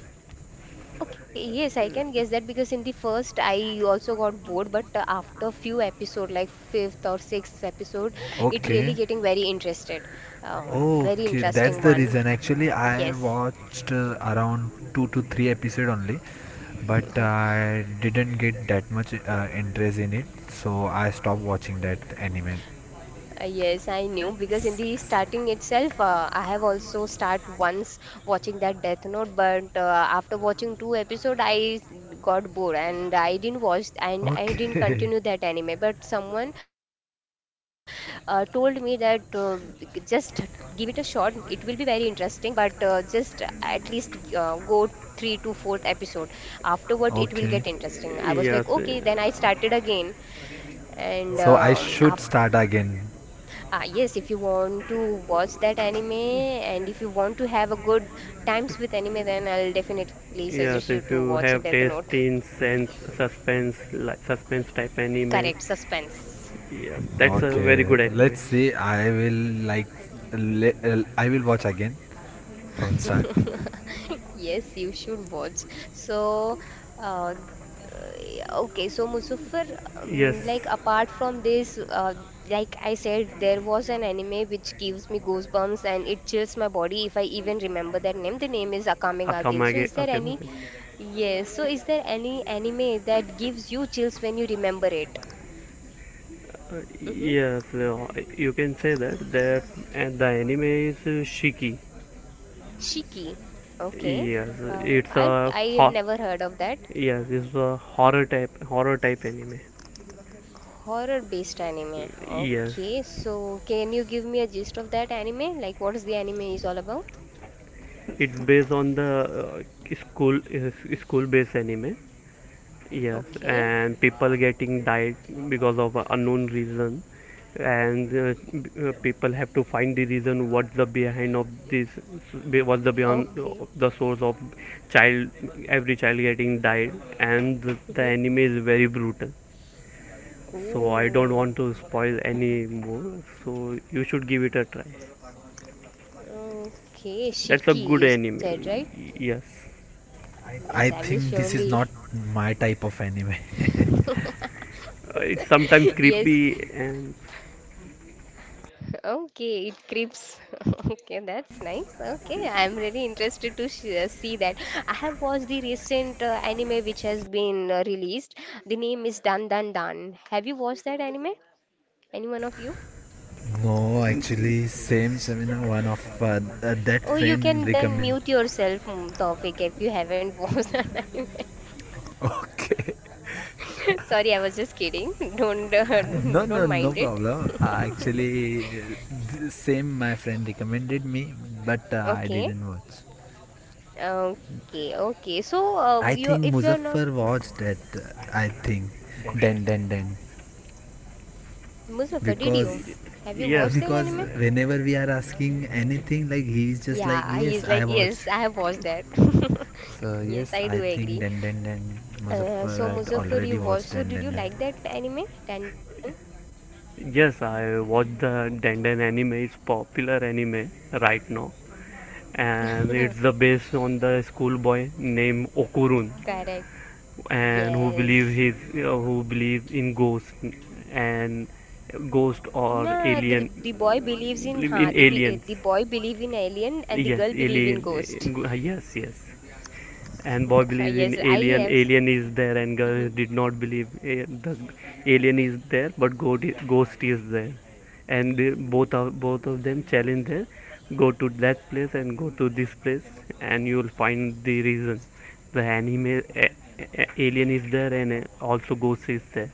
Speaker 1: Okay, yes, I can guess that because in the first I also got bored, but after few episode, like fifth or sixth episode, it
Speaker 2: Okay.
Speaker 1: really getting very interested. Very
Speaker 2: Okay, that's
Speaker 1: interesting
Speaker 2: the
Speaker 1: one.
Speaker 2: reason. Actually, I
Speaker 1: Yes.
Speaker 2: watched around two to three episode only, but I didn't get that much interest in it, so I stopped watching that anime.
Speaker 1: Yes, I knew because in the starting itself, I have also start once watching that Death Note, but after watching two episode, got bored and I didn't watch and I didn't
Speaker 2: Okay,
Speaker 1: continue that anime. But someone told me that just give it a shot; it will be very interesting. But just at least go three to fourth episode. Afterward, it will get
Speaker 2: <laughs> okay.
Speaker 1: interesting. I was like,
Speaker 3: Yes.
Speaker 1: okay, then I started again and
Speaker 2: So I
Speaker 1: af
Speaker 2: should start again.
Speaker 1: Ah, yes, if you want to watch that anime and if you want to have a good times with anime, then I'll definitely suggest you
Speaker 3: Yes,
Speaker 1: to
Speaker 3: if
Speaker 1: watch
Speaker 3: you
Speaker 1: Death
Speaker 3: have
Speaker 1: Note.
Speaker 3: taste in sense, suspense, like suspense type
Speaker 1: Correct,
Speaker 3: anime,
Speaker 1: suspense.
Speaker 3: yes, that's a very
Speaker 2: Okay,
Speaker 3: good anime.
Speaker 2: let's see. I will like I will watch again from start.
Speaker 1: Yes, you should watch. So, uh, yeah, okay, so, Muzaffar, like
Speaker 3: Yes,
Speaker 1: apart from this, like I said, there was an anime which gives me goosebumps and it chills my body if I even remember that name. The name is Akame ga Kill. So,
Speaker 3: Akamage, Akamage.
Speaker 1: yes, so is there any anime that gives you chills when you remember it? Mm-hmm.
Speaker 3: Yes, you can say that. That and the anime is Shiki.
Speaker 1: Shiki. Okay.
Speaker 3: Yes, it's
Speaker 1: I
Speaker 3: a
Speaker 1: I have
Speaker 3: hor.
Speaker 1: never heard of that.
Speaker 3: Yes, it's a horror type anime.
Speaker 1: Horror-based anime.
Speaker 3: Yes,
Speaker 1: Okay, so can you give me a gist of that anime? Like, what is the anime is all about?
Speaker 3: it's based on the school based anime. Yes,
Speaker 1: Okay.
Speaker 3: and people getting died because of a unknown reason, and people have to find the reason what's the behind of this, what's the beyond
Speaker 1: Okay.
Speaker 3: the source of child, every child getting died, and the
Speaker 1: Mm-hmm.
Speaker 3: anime is very brutal, so I don't
Speaker 1: Oh.
Speaker 3: want to spoil any more, so you should give it a try.
Speaker 1: Okay,
Speaker 3: That's a
Speaker 1: Shiki,
Speaker 3: good
Speaker 1: you
Speaker 3: anime.
Speaker 1: said, right?
Speaker 3: Yes,
Speaker 1: Yes,
Speaker 2: I
Speaker 1: I will
Speaker 2: think this is
Speaker 1: surely.
Speaker 2: not my type of anime. <laughs>
Speaker 3: it's
Speaker 1: <laughs>
Speaker 3: sometimes
Speaker 1: Yes. <laughs>
Speaker 3: creepy and
Speaker 1: Okay, it creeps. <laughs> Okay, that's nice. Okay, I'm really interested to sh see that. I have watched the recent anime which has been released. The name is Dan Dan Dan. Have you watched that anime? Any one of you?
Speaker 2: No, actually, same seminar one of that
Speaker 1: Oh, you can
Speaker 2: friend
Speaker 1: then
Speaker 2: recommend.
Speaker 1: mute yourself, Tawfiq, if you haven't <laughs> watched that anime.
Speaker 2: Okay. <laughs>
Speaker 1: <laughs> Sorry, I was just kidding. Don't
Speaker 2: No,
Speaker 1: <laughs> don't
Speaker 2: no, no
Speaker 1: mind it.
Speaker 2: problem.
Speaker 1: <laughs>
Speaker 2: Actually, same my friend recommended me, but I
Speaker 1: Okay,
Speaker 2: didn't watch.
Speaker 1: okay, okay. So,
Speaker 2: I
Speaker 1: you
Speaker 2: think
Speaker 1: if you're not
Speaker 2: Muzaffar watched that. I think, Den, den, den.
Speaker 1: Muzaffar, did you
Speaker 3: y-
Speaker 2: because
Speaker 1: have you
Speaker 3: yes.
Speaker 1: watched that
Speaker 2: because
Speaker 1: anime?
Speaker 2: whenever we are asking anything like he is just like
Speaker 1: Yeah,
Speaker 2: yes
Speaker 1: he's like,
Speaker 2: I
Speaker 1: yes,
Speaker 2: watched,
Speaker 1: I have watched that. <laughs>
Speaker 2: so yes
Speaker 1: Yes, I do
Speaker 2: I think
Speaker 1: agree.
Speaker 2: den den den.
Speaker 1: Uh,
Speaker 2: Muzaffar
Speaker 1: so,
Speaker 2: had
Speaker 1: Muzaffar, you
Speaker 2: already
Speaker 1: watched.
Speaker 2: watched
Speaker 1: So,
Speaker 2: den
Speaker 1: did you
Speaker 2: den den.
Speaker 1: like that anime? Dan Dan Dan.
Speaker 3: Yes, I watch the Denden anime. It's popular anime right now, and it's
Speaker 1: <laughs>
Speaker 3: the based on the schoolboy named Okurun,
Speaker 1: Correct.
Speaker 3: and who
Speaker 1: Yes.
Speaker 3: believe his who believe in ghost, and ghost or
Speaker 1: Nah,
Speaker 3: alien,
Speaker 1: the boy believes in
Speaker 3: believe
Speaker 1: ha,
Speaker 3: in
Speaker 1: the, be- eh,
Speaker 3: aliens.
Speaker 1: the boy believe in alien and the
Speaker 3: Yes,
Speaker 1: girl believe in
Speaker 3: alien.
Speaker 1: ghost.
Speaker 3: Yes, yes, and boy
Speaker 1: <laughs> Yes,
Speaker 3: believes in
Speaker 1: I
Speaker 3: alien, alien is there, and
Speaker 1: have.
Speaker 3: girl did not believe eh, the alien is there, but ghost is there, and both of them challenge there, go to that place and go to this place, and you will find the reason. The anime alien is there, and eh, also ghost is there.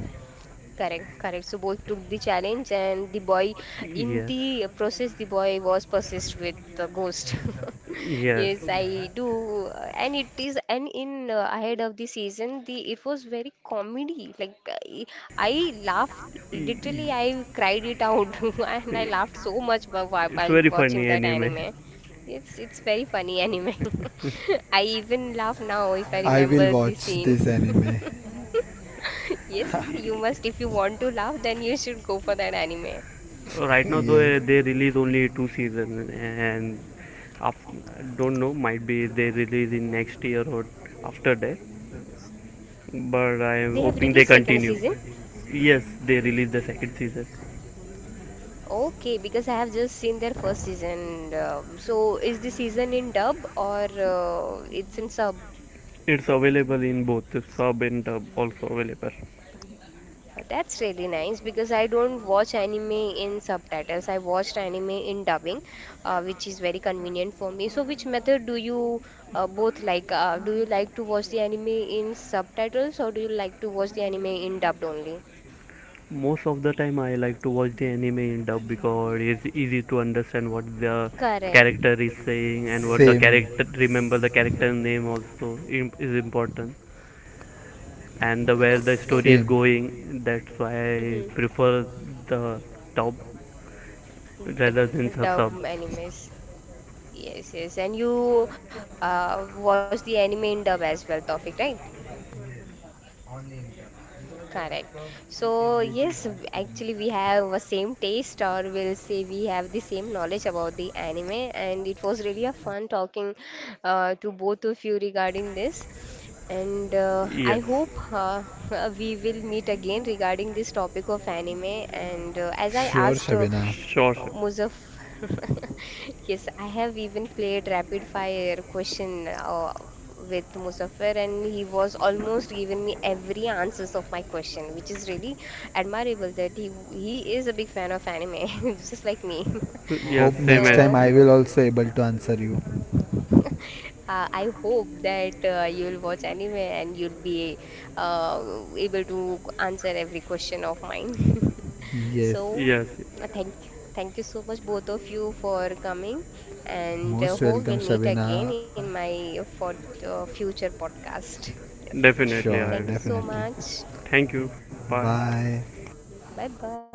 Speaker 1: Correct, correct. So both took the challenge, and the boy, in
Speaker 3: Yes.
Speaker 1: the process, the boy was possessed with the ghost. <laughs> Yes,
Speaker 3: Yes.
Speaker 1: I do, and it is, and in ahead of the season, the it was very comedy. Like I, I laughed
Speaker 3: Y-
Speaker 1: literally, I cried it out, <laughs> and I
Speaker 3: y-
Speaker 1: laughed so much
Speaker 3: it's
Speaker 1: while
Speaker 3: very
Speaker 1: watching
Speaker 3: funny
Speaker 1: that
Speaker 3: anime.
Speaker 1: anime. It's very funny anime. <laughs> I even laugh now if I
Speaker 2: I will
Speaker 1: remember the
Speaker 2: watch
Speaker 1: scene.
Speaker 2: this anime.
Speaker 1: Yes, you
Speaker 3: E,
Speaker 1: must. If you want to laugh, then you should go for that anime.
Speaker 2: <laughs>
Speaker 3: Right now, though,
Speaker 2: Yes,
Speaker 3: they release only two seasons, and af- don't know. Might be they release in next year or after that. But
Speaker 1: They
Speaker 3: I
Speaker 1: have
Speaker 3: am
Speaker 1: released
Speaker 3: hoping they
Speaker 1: second season.
Speaker 3: continue. Yes, they release the second season.
Speaker 1: Okay, because I have just seen their first season. So is the season in dub or it's in sub?
Speaker 3: It's available in both sub and dub, also available.
Speaker 1: That's really nice because I don't watch anime in subtitles. I watched anime in dubbing, which is very convenient for me. So which method do you both like? Do you like to watch the anime in subtitles or do you like to watch the anime in dubbed only?
Speaker 3: Most of the time, I like to watch the anime in dub because it's easy to understand what the
Speaker 1: Correct.
Speaker 3: character is saying, and what the
Speaker 2: same.
Speaker 3: character remember, the character name also is important, and the where the
Speaker 1: Okay.
Speaker 3: story is
Speaker 2: Same.
Speaker 3: going, that's why I
Speaker 1: Mhm.
Speaker 3: prefer the top rather than the
Speaker 1: Dub
Speaker 3: sub.
Speaker 1: animes. Yes, yes. And you watch the anime in dub as well, Tofik, right? Correct. So, yes, actually, we have a same taste, or we'll say we have the same knowledge about the anime, and it was really a fun talking to both of you regarding this. And I
Speaker 3: Yes,
Speaker 1: hope <laughs> we will meet again regarding this topic of anime. And as I
Speaker 2: Sure,
Speaker 1: asked
Speaker 2: Shabina.
Speaker 3: sure, sure.
Speaker 1: Muzaff, <laughs> yes, I have even played rapid fire question with Muzaffar, and he was almost giving me every answers of my question, which is really admirable that he is a big fan of anime, <laughs> just like me.
Speaker 3: <laughs>
Speaker 2: Hope
Speaker 1: <laughs>
Speaker 3: Yes, same
Speaker 2: next
Speaker 3: as
Speaker 2: time
Speaker 1: So
Speaker 2: I will also able to answer you.
Speaker 1: <laughs> I hope that you'll watch anime and you'll be able to answer every question of mine. <laughs> So,
Speaker 2: Yes,
Speaker 3: yes,
Speaker 1: uh,
Speaker 3: yes,
Speaker 1: thank thank you so much both of you for coming, and
Speaker 2: most
Speaker 1: hope
Speaker 2: welcome,
Speaker 1: we'll meet again
Speaker 2: Shabina.
Speaker 1: in my for future podcast. Yes,
Speaker 3: definitely
Speaker 2: Sure,
Speaker 1: thank you
Speaker 3: I
Speaker 1: so
Speaker 2: definitely.
Speaker 1: much.
Speaker 3: thank you. Bye.
Speaker 2: Bye.
Speaker 1: Bye bye.